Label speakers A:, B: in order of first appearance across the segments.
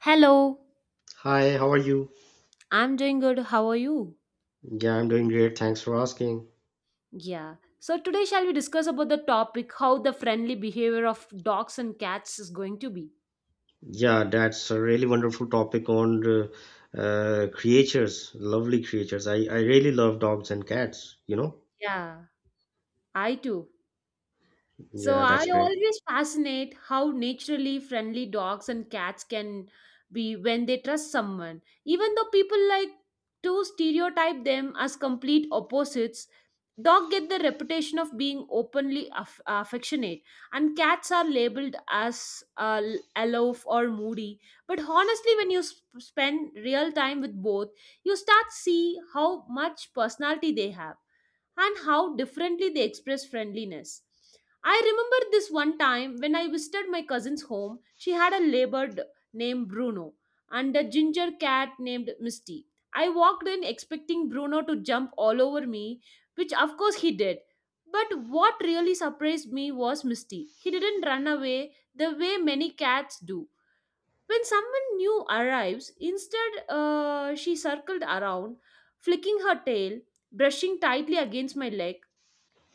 A: Hello,
B: Hi, how are you?
A: I'm doing good. How are you?
B: Yeah, I'm doing great. Thanks for asking.
A: Yeah. So today shall we discuss about the topic how the friendly behavior of dogs and cats is going to be?
B: Yeah, that's a really wonderful topic on creatures, lovely creatures. I really love dogs and cats, you know?
A: Yeah, I too. So
B: Yeah,
A: I
B: that's great.
A: always fascinate how naturally friendly dogs and cats can be when they trust someone. Even though people like to stereotype them as complete opposites, dogs get the reputation of being openly affectionate and cats are labeled as aloof or moody, but honestly when you spend real time with both, you start see how much personality they have and how differently they express friendliness. I remember this one time when I visited my cousin's home. She had a labored named Bruno and a ginger cat named Misty. I walked in expecting Bruno to jump all over me, which of course he did. But what really surprised me was Misty. He didn't run away the way many cats do when someone new arrives. Instead, she circled around, flicking her tail, brushing tightly against my leg.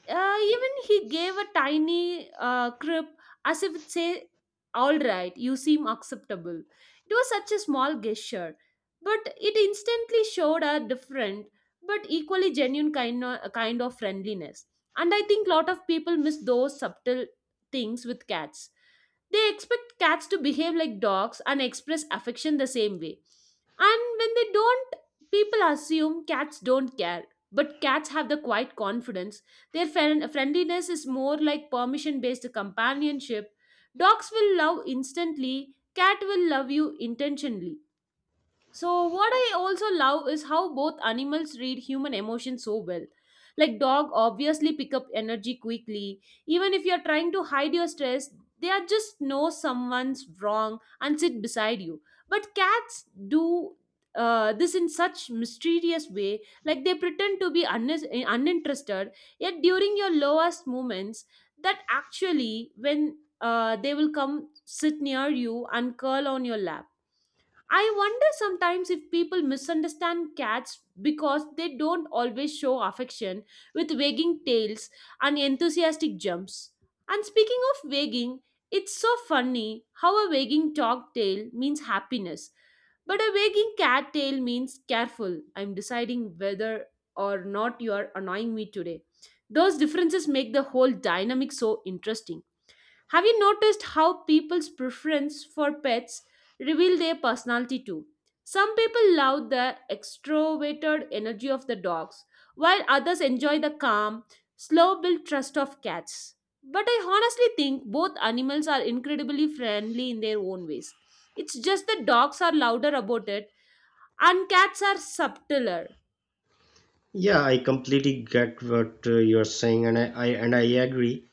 A: Even he gave a tiny crib, as if it say, "All right, you seem acceptable." It was such a small gesture, but it instantly showed a different but equally genuine kind of friendliness. And I think lot of people miss those subtle things with cats. They expect cats to behave like dogs and express affection the same way. And when they don't, people assume cats don't care. But cats have the quiet confidence. Their friendliness is more like permission based companionship. Dogs will love instantly, cat will love you intentionally. So, what I also love is how both animals read human emotions so well. Like dog obviously pick up energy quickly. Even if you're trying to hide your stress, they are just know someone's wrong and sit beside you. But cats do this in such mysterious way. Like they pretend to be uninterested, yet during your lowest moments, that actually when they will come sit near you and curl on your lap. I wonder sometimes if people misunderstand cats because they don't always show affection with wagging tails and enthusiastic jumps. And speaking of wagging, it's so funny how a wagging dog tail means happiness, but a wagging cat tail means careful. I'm deciding whether or not you are annoying me today. Those differences make the whole dynamic so interesting. Have you noticed how people's preference for pets reveal their personality too? Some people love the extroverted energy of the dogs, while others enjoy the calm, slow built trust of cats. But I honestly think both animals are incredibly friendly in their own ways. It's just that dogs are louder about it and cats are subtler.
B: Yeah, I completely get what you're saying, and I agree.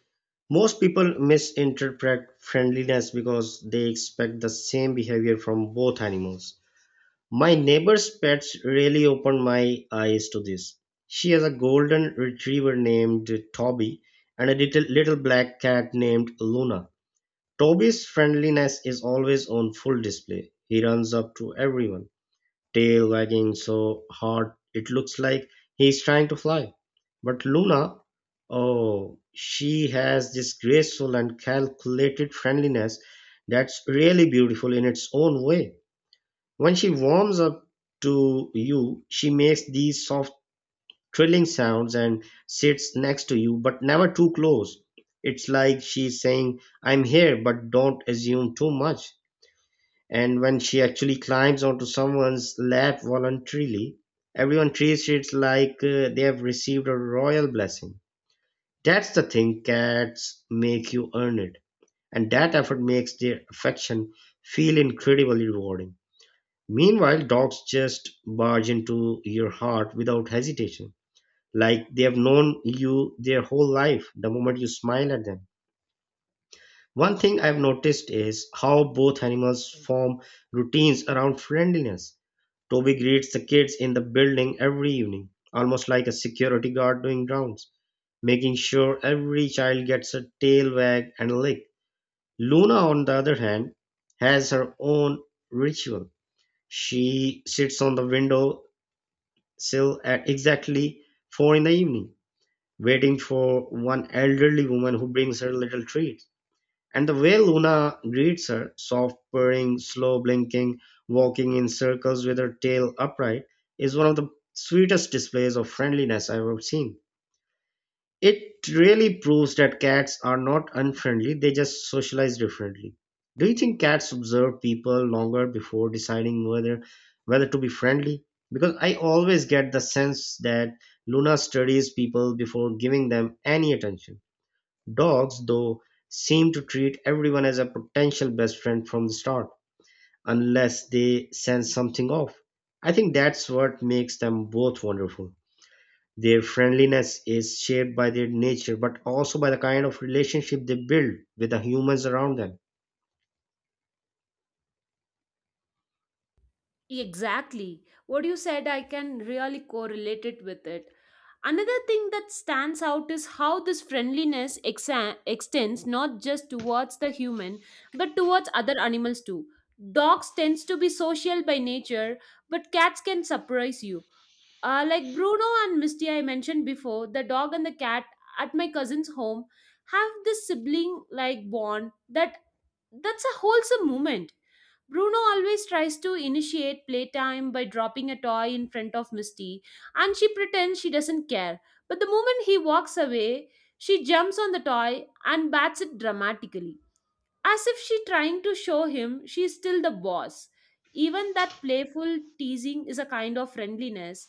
B: Most people misinterpret friendliness because they expect the same behavior from both animals. My neighbor's pets really opened my eyes to this. She has a golden retriever named Toby and a little black cat named Luna. Toby's friendliness is always on full display. He runs up to everyone, tail wagging so hard it looks like he's trying to fly. But Luna, oh, she has this graceful and calculated friendliness that's really beautiful in its own way. When she warms up to you, she makes these soft trilling sounds and sits next to you, but never too close. It's like she's saying, I'm here, but don't assume too much. And when she actually climbs onto someone's lap voluntarily, everyone treats it like they have received a royal blessing. That's the thing, cats make you earn it. And that effort makes their affection feel incredibly rewarding. Meanwhile, dogs just barge into your heart without hesitation, like they have known you their whole life the moment you smile at them. One thing I've noticed is how both animals form routines around friendliness. Toby greets the kids in the building every evening, almost like a security guard doing rounds, making sure every child gets a tail wag and a lick. Luna, on the other hand, has her own ritual. She sits on the window still at exactly four in the evening, waiting for one elderly woman who brings her little treats. And the way Luna greets her, soft purring, slow blinking, walking in circles with her tail upright, is one of the sweetest displays of friendliness I've ever seen. It really proves that cats are not unfriendly, they just socialize differently. Do you think cats observe people longer before deciding whether to be friendly? Because I always get the sense that Luna studies people before giving them any attention. Dogs, though, seem to treat everyone as a potential best friend from the start, unless they sense something off. I think that's what makes them both wonderful. Their friendliness is shaped by their nature, but also by the kind of relationship they build with the humans around them.
A: Exactly. What you said, I can really correlate it with it. Another thing that stands out is how this friendliness extends not just towards the human but towards other animals too. Dogs tends to be social by nature, but cats can surprise you. Like Bruno and Misty, I mentioned before, the dog and the cat at my cousin's home have this sibling like bond. That's a wholesome moment. Bruno always tries to initiate playtime by dropping a toy in front of Misty, and she pretends she doesn't care. But the moment he walks away, she jumps on the toy and bats it dramatically, as if she's trying to show him she's still the boss. Even that playful teasing is a kind of friendliness.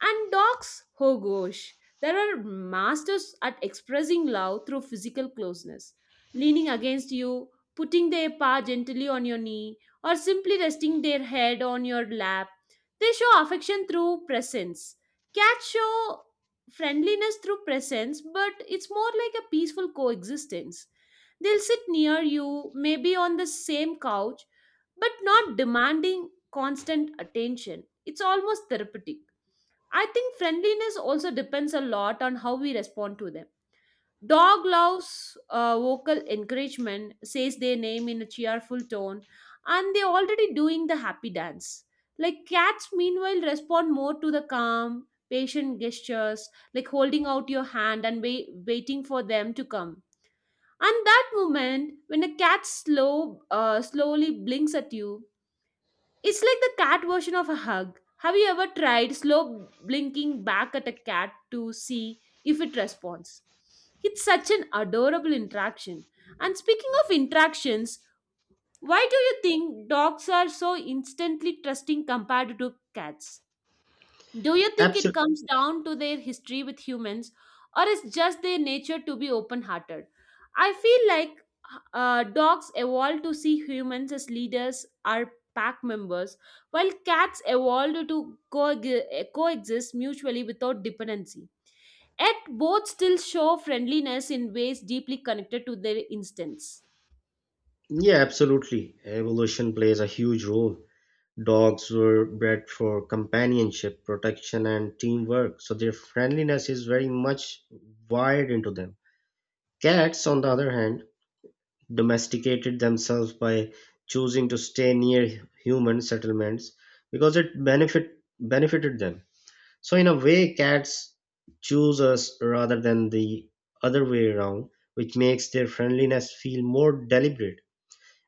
A: And dogs, oh gosh, there are masters at expressing love through physical closeness, leaning against you, putting their paw gently on your knee, or simply resting their head on your lap. They show affection through presence. Cats show friendliness through presence, but it's more like a peaceful coexistence. They'll sit near you, maybe on the same couch, but not demanding constant attention. It's almost therapeutic. I think friendliness also depends a lot on how we respond to them. Dog loves vocal encouragement, says their name in a cheerful tone, and they're already doing the happy dance. Like cats, meanwhile, respond more to the calm, patient gestures, like holding out your hand and waiting for them to come. And that moment, when a cat slowly blinks at you, it's like the cat version of a hug. Have you ever tried slow blinking back at a cat to see if it responds? It's such an adorable interaction. And speaking of interactions, why do you think dogs are so instantly trusting compared to cats? Do you think it
B: Absolutely.
A: comes down to their history with humans, or is just their nature to be open-hearted? I feel like dogs evolved to see humans as leaders or pack members, while cats evolved to coexist mutually without dependency. Yet both still show friendliness in ways deeply connected to their instincts.
B: Yeah, absolutely. Evolution plays a huge role. Dogs were bred for companionship, protection, and teamwork, so their friendliness is very much wired into them. Cats, on the other hand, domesticated themselves by choosing to stay near human settlements because it benefited them. So in a way, cats choose us rather than the other way around, which makes their friendliness feel more deliberate.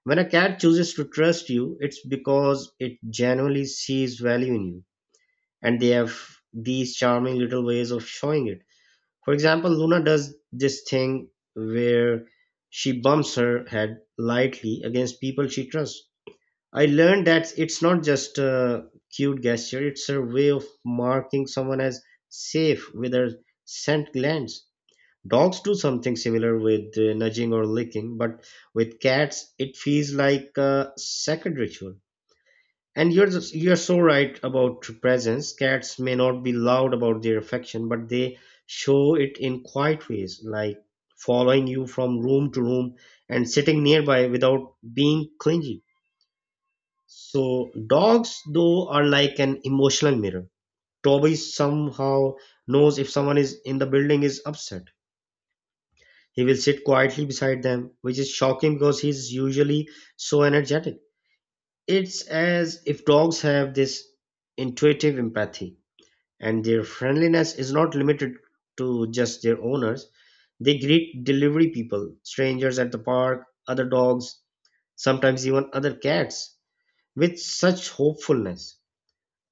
B: When a cat chooses to trust you, it's because it genuinely sees value in you, and they have these charming little ways of showing it. For example, Luna does this thing where she bumps her head lightly against people she trusts. I learned that it's not just a cute gesture, it's a way of marking someone as safe with a scent glance. Dogs do something similar with nudging or licking, but with cats, it feels like a sacred ritual. And you're so right about presence. Cats may not be loud about their affection, but they show it in quiet ways, like following you from room to room and sitting nearby without being clingy. So dogs though are like an emotional mirror. Toby somehow knows if someone is in the building is upset. He will sit quietly beside them, which is shocking because he's usually so energetic. It's as if dogs have this intuitive empathy and their friendliness is not limited to just their owners. They greet delivery people, strangers at the park, other dogs, sometimes even other cats with such hopefulness.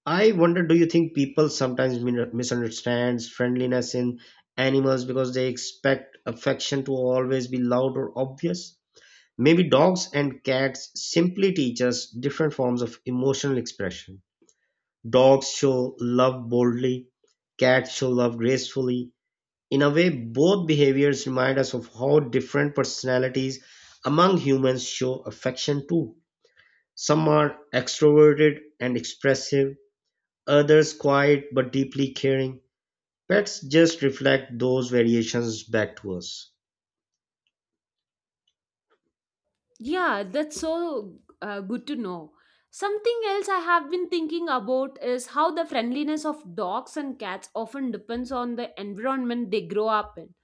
B: I wonder, do you think people sometimes misunderstands friendliness in animals because they expect affection to always be loud or obvious? Maybe dogs and cats simply teach us different forms of emotional expression. Dogs show love boldly, cats show love gracefully. In a way, both behaviors remind us of how different personalities among humans show affection too. Some are extroverted and expressive, others quiet but deeply caring. Pets just reflect those variations back to us.
A: Yeah, that's so good to know. Something else I have been thinking about is how the friendliness of dogs and cats often depends on the environment they grow up in.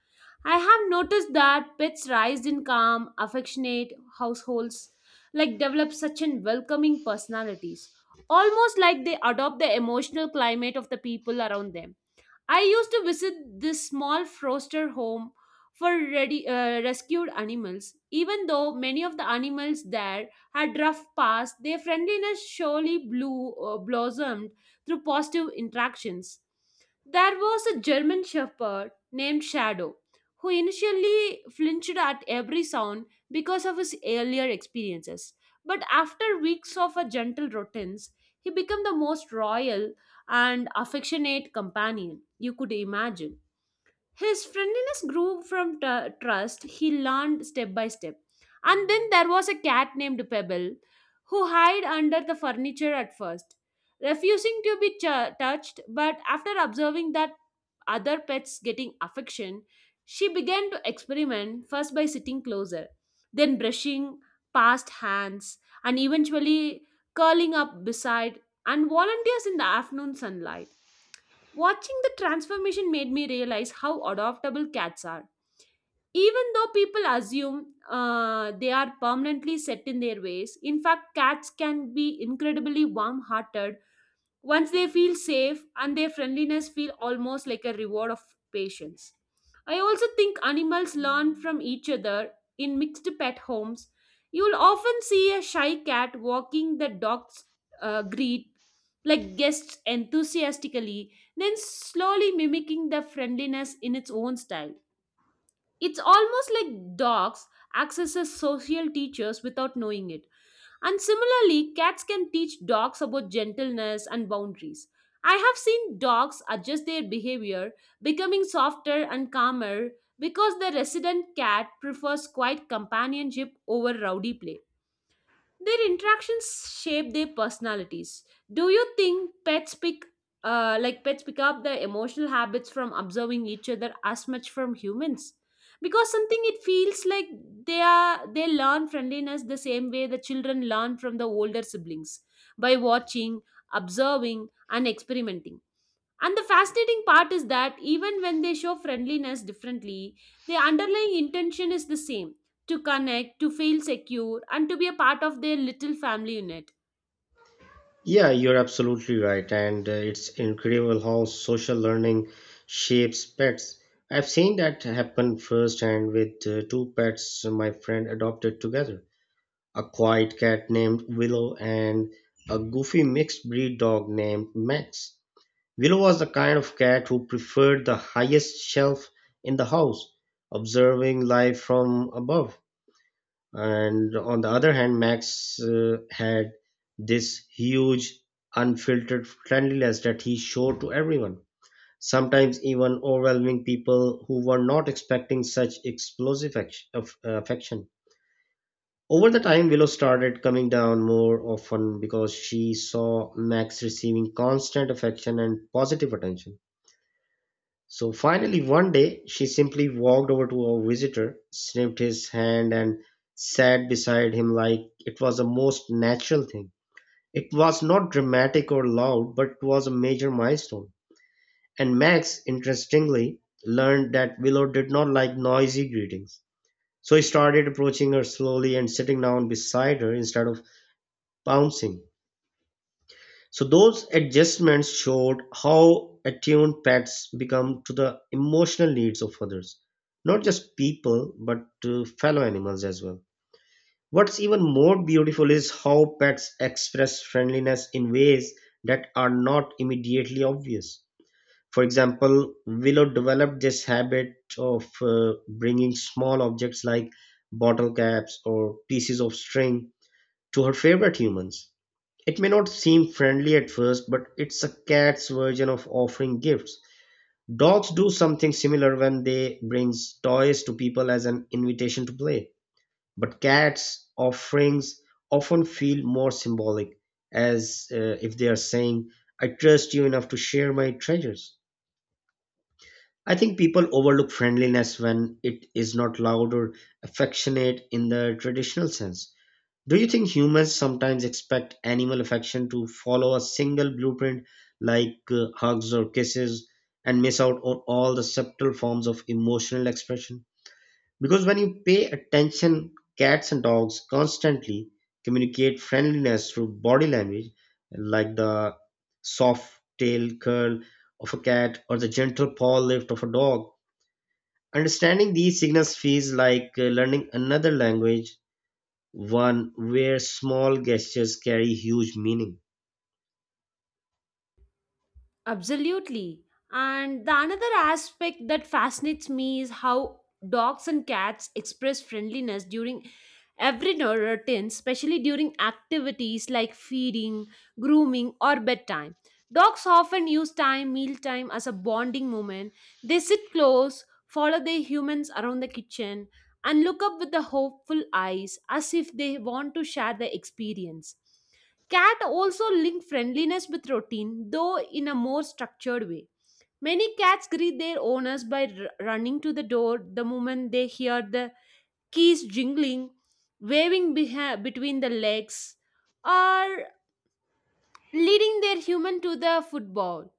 A: I have noticed that pets raised in calm, affectionate households like develop such an welcoming personalities, almost like they adopt the emotional climate of the people around them. I used to visit this small foster home for rescued animals. Even though many of the animals there had rough past, their friendliness blossomed through positive interactions. There was a German shepherd named Shadow who initially flinched at every sound because of his earlier experiences. But after weeks of a gentle routines, he became the most royal and affectionate companion you could imagine. His friendliness grew from trust he learned step by step. And then there was a cat named Pebble who hid under the furniture at first, refusing to be touched. But after observing that other pets getting affection, she began to experiment, first by sitting closer, then brushing past hands, and eventually curling up beside and volunteers in the afternoon sunlight. Watching the transformation made me realize how adoptable cats are. Even though people assume they are permanently set in their ways, in fact, cats can be incredibly warm hearted once they feel safe, and their friendliness feel almost like a reward of patience. I also think animals learn from each other in mixed pet homes. You will often see a shy cat walking the dog's greet like guests enthusiastically, then slowly mimicking the friendliness in its own style. It's almost like dogs access as social teachers without knowing it. And similarly, cats can teach dogs about gentleness and boundaries. I have seen dogs adjust their behavior, becoming softer and calmer because the resident cat prefers quiet companionship over rowdy play. Their interactions shape their personalities. Do you think pets pick up their emotional habits from observing each other as much from humans? Because something it feels like they learn friendliness the same way the children learn from the older siblings, by watching, observing, and experimenting. And the fascinating part is that even when they show friendliness differently, their underlying intention is the same: to connect, to feel secure, and to be a part of their little family unit.
B: Yeah, you're absolutely right, and it's incredible how social learning shapes pets. I've seen that happen firsthand with two pets my friend adopted together, a quiet cat named Willow and a goofy mixed breed dog named Max. Willow was the kind of cat who preferred the highest shelf in the house, observing life from above. And on the other hand, Max had this huge, unfiltered friendliness that he showed to everyone, sometimes even overwhelming people who were not expecting such explosive affection. Over the time, Willow started coming down more often because she saw Max receiving constant affection and positive attention. So finally, one day, she simply walked over to our visitor, snipped his hand, and sat beside him like it was the most natural thing. It was not dramatic or loud, but it was a major milestone. And Max, interestingly, learned that Willow did not like noisy greetings. So he started approaching her slowly and sitting down beside her instead of pouncing. So those adjustments showed how attuned pets become to the emotional needs of others, not just people, but to fellow animals as well. What's even more beautiful is how pets express friendliness in ways that are not immediately obvious. For example, Willow developed this habit of bringing small objects like bottle caps or pieces of string to her favorite humans. It may not seem friendly at first, but it's a cat's version of offering gifts. Dogs do something similar when they bring toys to people as an invitation to play. But cats' offerings often feel more symbolic, as if they are saying, I trust you enough to share my treasures. I think people overlook friendliness when it is not loud or affectionate in the traditional sense. Do you think humans sometimes expect animal affection to follow a single blueprint like hugs or kisses and miss out on all the subtle forms of emotional expression? Because when you pay attention, cats and dogs constantly communicate friendliness through body language, like the soft tail curl of a cat or the gentle paw lift of a dog. Understanding these signals feels like learning another language, one where small gestures carry huge meaning.
A: Absolutely. And the another aspect that fascinates me is how dogs and cats express friendliness during every routine, especially during activities like feeding, grooming, or bedtime. Dogs often use time, mealtime, as a bonding moment. They sit close, follow their humans around the kitchen, and look up with the hopeful eyes as if they want to share the experience. Cat also link friendliness with routine, though in a more structured way. Many cats greet their owners by running to the door the moment they hear the keys jingling, waving between the legs, or leading their human to the football.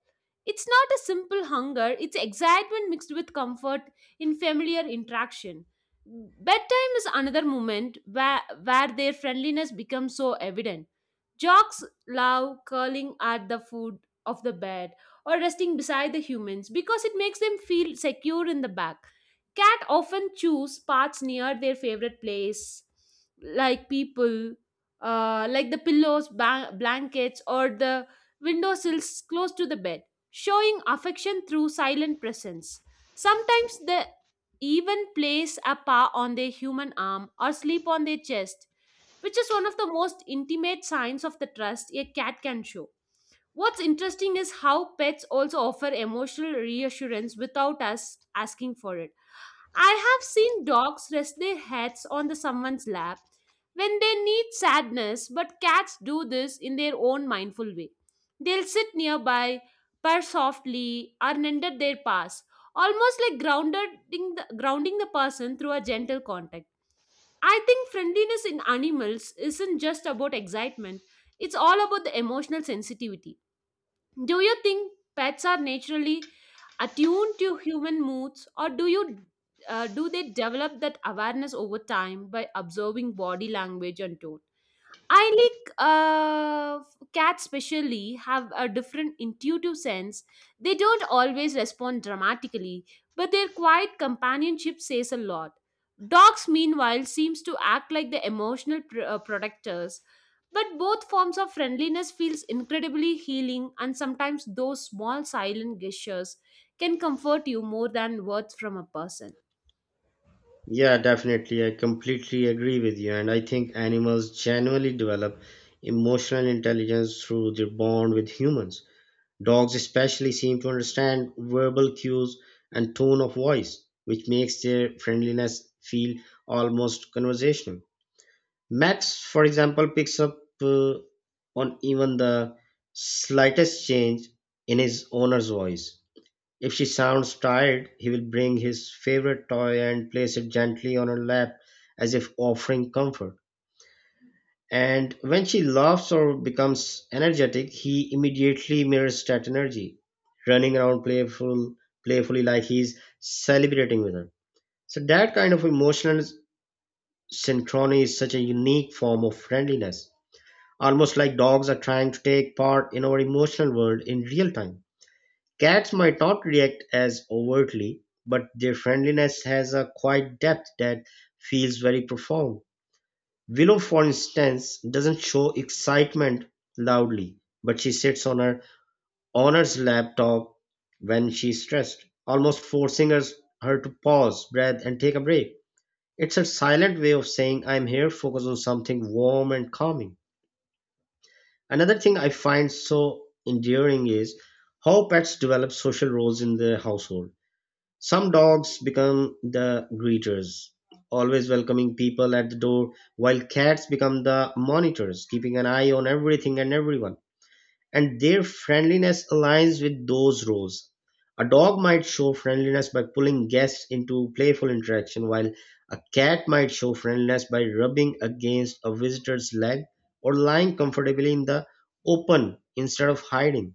A: It's not a simple hunger, it's excitement mixed with comfort in familiar interaction. Bedtime is another moment where their friendliness becomes so evident. Jocks love curling at the foot of the bed or resting beside the humans because it makes them feel secure in the back. Cat often choose parts near their favorite place, like people, like the pillows, blankets, or the windowsills close to the bed, showing affection through silent presence. Sometimes they even place a paw on their human arm or sleep on their chest, which is one of the most intimate signs of the trust a cat can show. What's interesting is how pets also offer emotional reassurance without us asking for it. I have seen dogs rest their heads on the someone's lap when they need sadness, but cats do this in their own mindful way. They'll sit nearby, purr softly, or nender their paws, almost like grounding the person through a gentle contact. I think friendliness in animals isn't just about excitement, it's all about the emotional sensitivity. Do you think pets are naturally attuned to human moods, or do they develop that awareness over time by observing body language and tone? I like Cats, especially, have a different intuitive sense. They don't always respond dramatically, but their quiet companionship says a lot. Dogs, meanwhile, seems to act like the emotional protectors. But both forms of friendliness feels incredibly healing, and sometimes those small silent gestures can comfort you more than words from a person.
B: Yeah, definitely. I completely agree with you. And I think animals genuinely develop emotional intelligence through their bond with humans. Dogs, especially, seem to understand verbal cues and tone of voice, which makes their friendliness feel almost conversational. Max, for example, picks up on even the slightest change in his owner's voice. If she sounds tired, he will bring his favorite toy and place it gently on her lap as if offering comfort. And when she laughs or becomes energetic, he immediately mirrors that energy, running around playfully like he's celebrating with her. So that kind of emotional synchrony is such a unique form of friendliness, almost like dogs are trying to take part in our emotional world in real time. Cats might not react as overtly, but their friendliness has a quiet depth that feels very profound. Willow, for instance, doesn't show excitement loudly, but she sits on her owner's laptop when she's stressed, almost forcing her to pause, breathe, and take a break. It's a silent way of saying, I'm here, focus on something warm and calming. Another thing I find so endearing is how pets develop social roles in the household. Some dogs become the greeters, always welcoming people at the door, while cats become the monitors, keeping an eye on everything and everyone. And their friendliness aligns with those roles. A dog might show friendliness by pulling guests into playful interaction, while a cat might show friendliness by rubbing against a visitor's leg or lying comfortably in the open instead of hiding.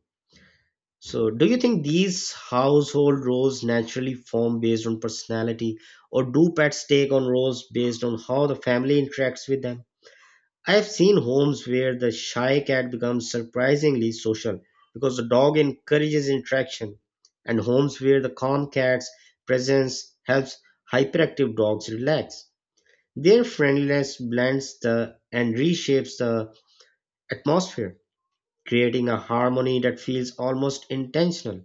B: So, do you think these household roles naturally form based on personality, or do pets take on roles based on how the family interacts with them? I have seen homes where the shy cat becomes surprisingly social because the dog encourages interaction, and homes where the calm cat's presence helps hyperactive dogs relax. Their friendliness blends the and reshapes the atmosphere, creating a harmony that feels almost intentional.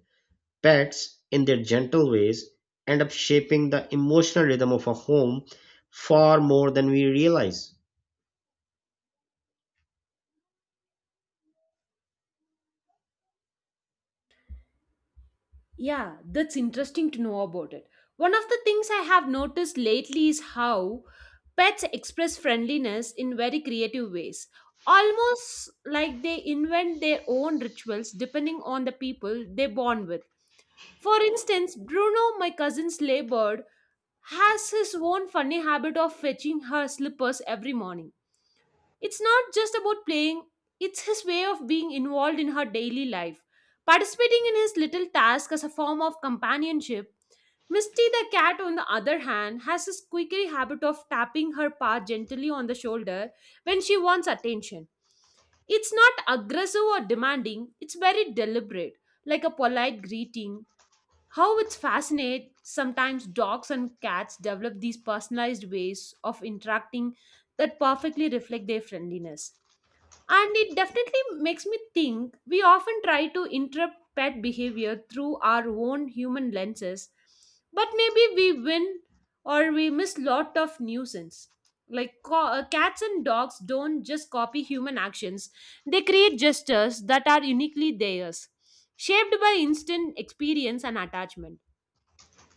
B: Pets, in their gentle ways, end up shaping the emotional rhythm of a home far more than we realize.
A: Yeah, that's interesting to know about it. One of the things I have noticed lately is how pets express friendliness in very creative ways, almost like they invent their own rituals depending on the people they bond with. For instance, Bruno, my cousin's labor has his own funny habit of fetching her slippers every morning. It's not just about playing, it's his way of being involved in her daily life. Participating in his little task as a form of companionship, Misty the cat, on the other hand, has this quickery habit of tapping her paw gently on the shoulder when she wants attention. It's not aggressive or demanding, it's very deliberate, like a polite greeting. How it's fascinating, sometimes dogs and cats develop these personalized ways of interacting that perfectly reflect their friendliness. And it definitely makes me think we often try to interpret pet behavior through our own human lenses, but maybe we win or we miss lot of nuisance. Like cats and dogs don't just copy human actions, they create gestures that are uniquely theirs, shaped by instant experience and attachment.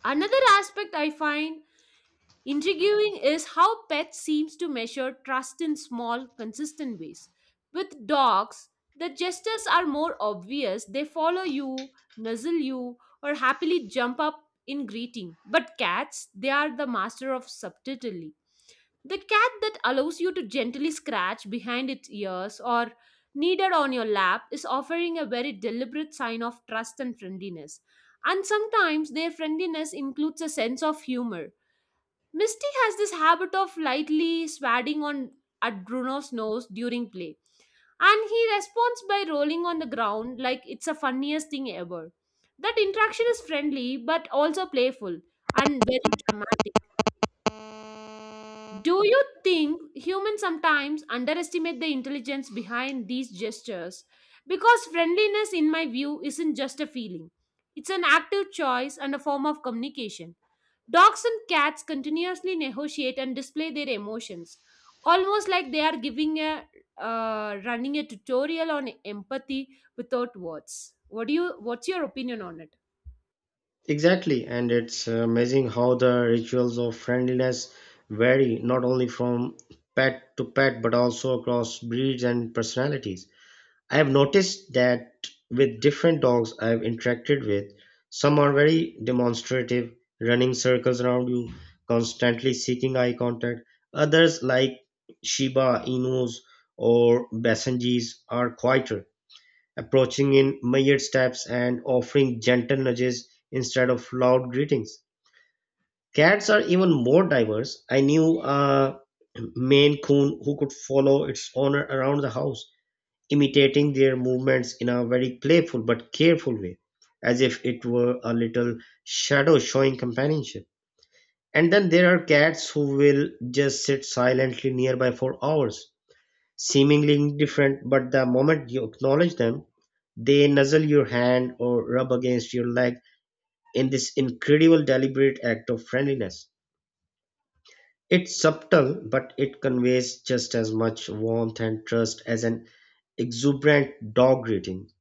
A: Another aspect I find intriguing is how pets seems to measure trust in small, consistent ways. With dogs, the gestures are more obvious. They follow you, nuzzle you, or happily jump up in greeting. But cats, they are the master of subtlety. The cat that allows you to gently scratch behind its ears or kneaded on your lap is offering a very deliberate sign of trust and friendliness. And sometimes their friendliness includes a sense of humor. Misty has this habit of lightly swatting on at Bruno's nose during play, and he responds by rolling on the ground like it's the funniest thing ever. That interaction is friendly but also playful and very dramatic. Do you think humans sometimes underestimate the intelligence behind these gestures? Because friendliness, in my view, isn't just a feeling, it's an active choice and a form of communication. Dogs and cats continuously negotiate and display their emotions, almost like they are giving a running a tutorial on empathy without words. What do you? What's your opinion on it?
B: Exactly, and it's amazing how the rituals of friendliness vary not only from pet to pet but also across breeds and personalities. I have noticed that with different dogs I've interacted with, some are very demonstrative, running circles around you, constantly seeking eye contact. Others, like Shiba Inus or Basenjis, are quieter, approaching in measured steps and offering gentle nudges instead of loud greetings. Cats are even more diverse. I knew a Maine Coon who could follow its owner around the house imitating their movements in a very playful but careful way, as if it were a little shadow showing companionship. And then there are cats who will just sit silently nearby for hours, seemingly indifferent, but the moment you acknowledge them, they nuzzle your hand or rub against your leg in this incredible deliberate act of friendliness. It's subtle, but it conveys just as much warmth and trust as an exuberant dog greeting.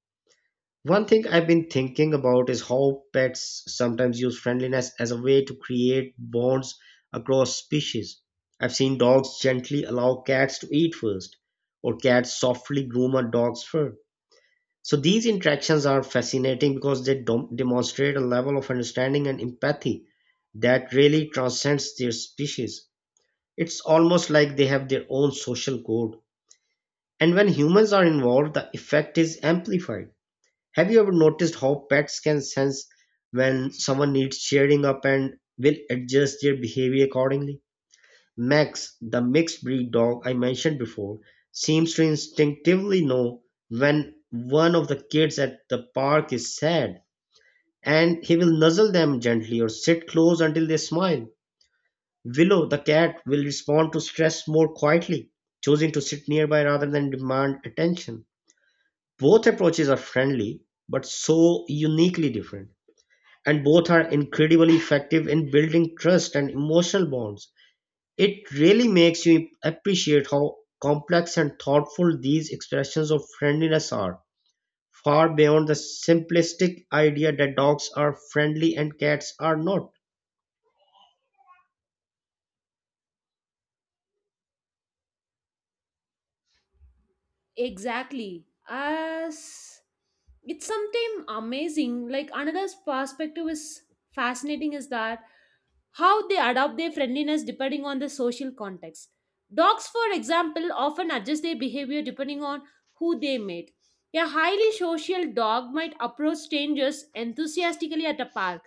B: One thing I've been thinking about is how pets sometimes use friendliness as a way to create bonds across species. I've seen dogs gently allow cats to eat first, or cats softly groom a dog's fur. So these interactions are fascinating because they demonstrate a level of understanding and empathy that really transcends their species. It's almost like they have their own social code. And when humans are involved, the effect is amplified. Have you ever noticed how pets can sense when someone needs cheering up and will adjust their behavior accordingly? Max, the mixed breed dog I mentioned before, seems to instinctively know when one of the kids at the park is sad, and he will nuzzle them gently or sit close until they smile. Willow, the cat, will respond to stress more quietly, choosing to sit nearby rather than demand attention. Both approaches are friendly, but so uniquely different, and both are incredibly effective in building trust and emotional bonds. It really makes you appreciate how complex and thoughtful these expressions of friendliness are, far beyond the simplistic idea that dogs are friendly and cats are not.
A: Exactly. As it's something amazing. Like another perspective is fascinating is that how they adapt their friendliness depending on the social context. Dogs, for example, often adjust their behavior depending on who they meet. A highly social dog might approach strangers enthusiastically at a park,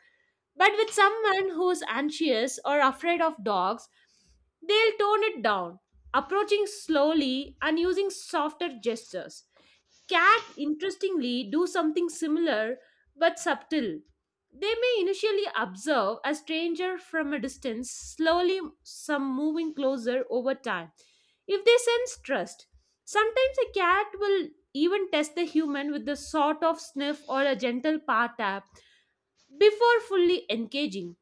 A: but with someone who's anxious or afraid of dogs, they'll tone it down, approaching slowly and using softer gestures. Cat, interestingly, do something similar but subtle. They may initially observe a stranger from a distance, slowly some moving closer over time. If they sense trust, sometimes a cat will even test the human with a sort of sniff or a gentle paw tap before fully engaging.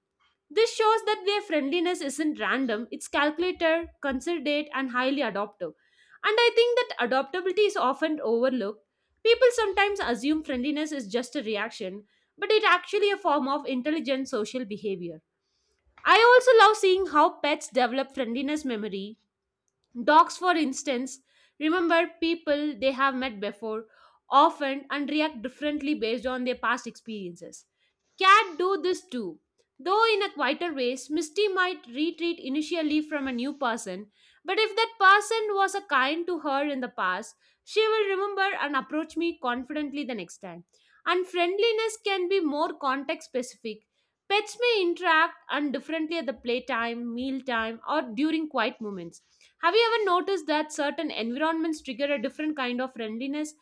A: This shows that their friendliness isn't random, it's calculated, considerate, and highly adaptive. And I think that adaptability is often overlooked. People sometimes assume friendliness is just a reaction, but it's actually a form of intelligent social behavior. I also love seeing how pets develop friendliness memory. Dogs, for instance, remember people they have met before often and react differently based on their past experiences. Cat do this too. Though in a quieter ways, Misty might retreat initially from a new person, but if that person was a kind to her in the past, she will remember and approach me confidently the next time. And friendliness can be more context specific. Pets may interact and differently at the playtime, mealtime, or during quiet moments. Have you ever noticed that certain environments trigger a different kind of friendliness?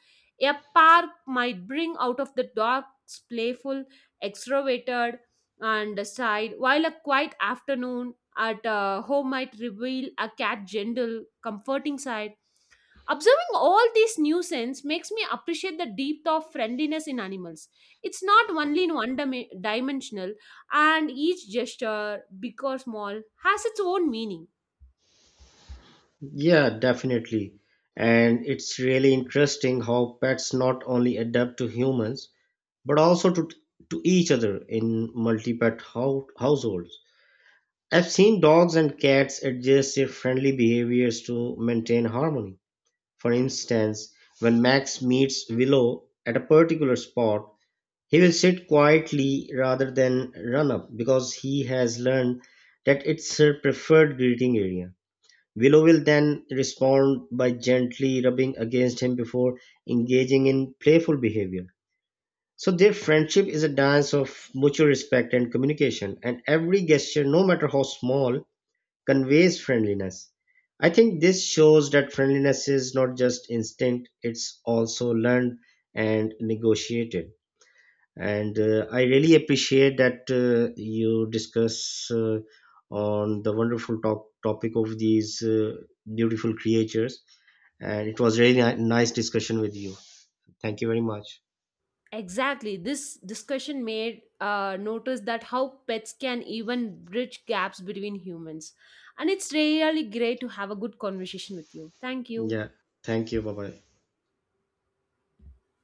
A: A park might bring out of the dogs playful extroverted and side, while a quiet afternoon at home might reveal a cat gentle, comforting side. Observing all these nuisance makes me appreciate the depth of friendliness in animals. It's not only in one dimensional, and each gesture, big or small, has its own meaning.
B: Yeah, definitely. And it's really interesting how pets not only adapt to humans but also to each other in multi-pet households. I've seen dogs and cats adjust their friendly behaviors to maintain harmony. For instance, when Max meets Willow at a particular spot, he will sit quietly rather than run up because he has learned that it's her preferred greeting area. Willow will then respond by gently rubbing against him before engaging in playful behavior. So their friendship is a dance of mutual respect and communication, and every gesture, no matter how small, conveys friendliness. I think this shows that friendliness is not just instinct, it's also learned and negotiated. And I really appreciate that you discuss on the wonderful topic of these beautiful creatures. And it was really nice discussion with you. Thank you very much.
A: Exactly. This discussion made notice that how pets can even bridge gaps between humans. And it's really great to have a good conversation with you. Thank you.
B: Yeah. Thank you. Bye bye.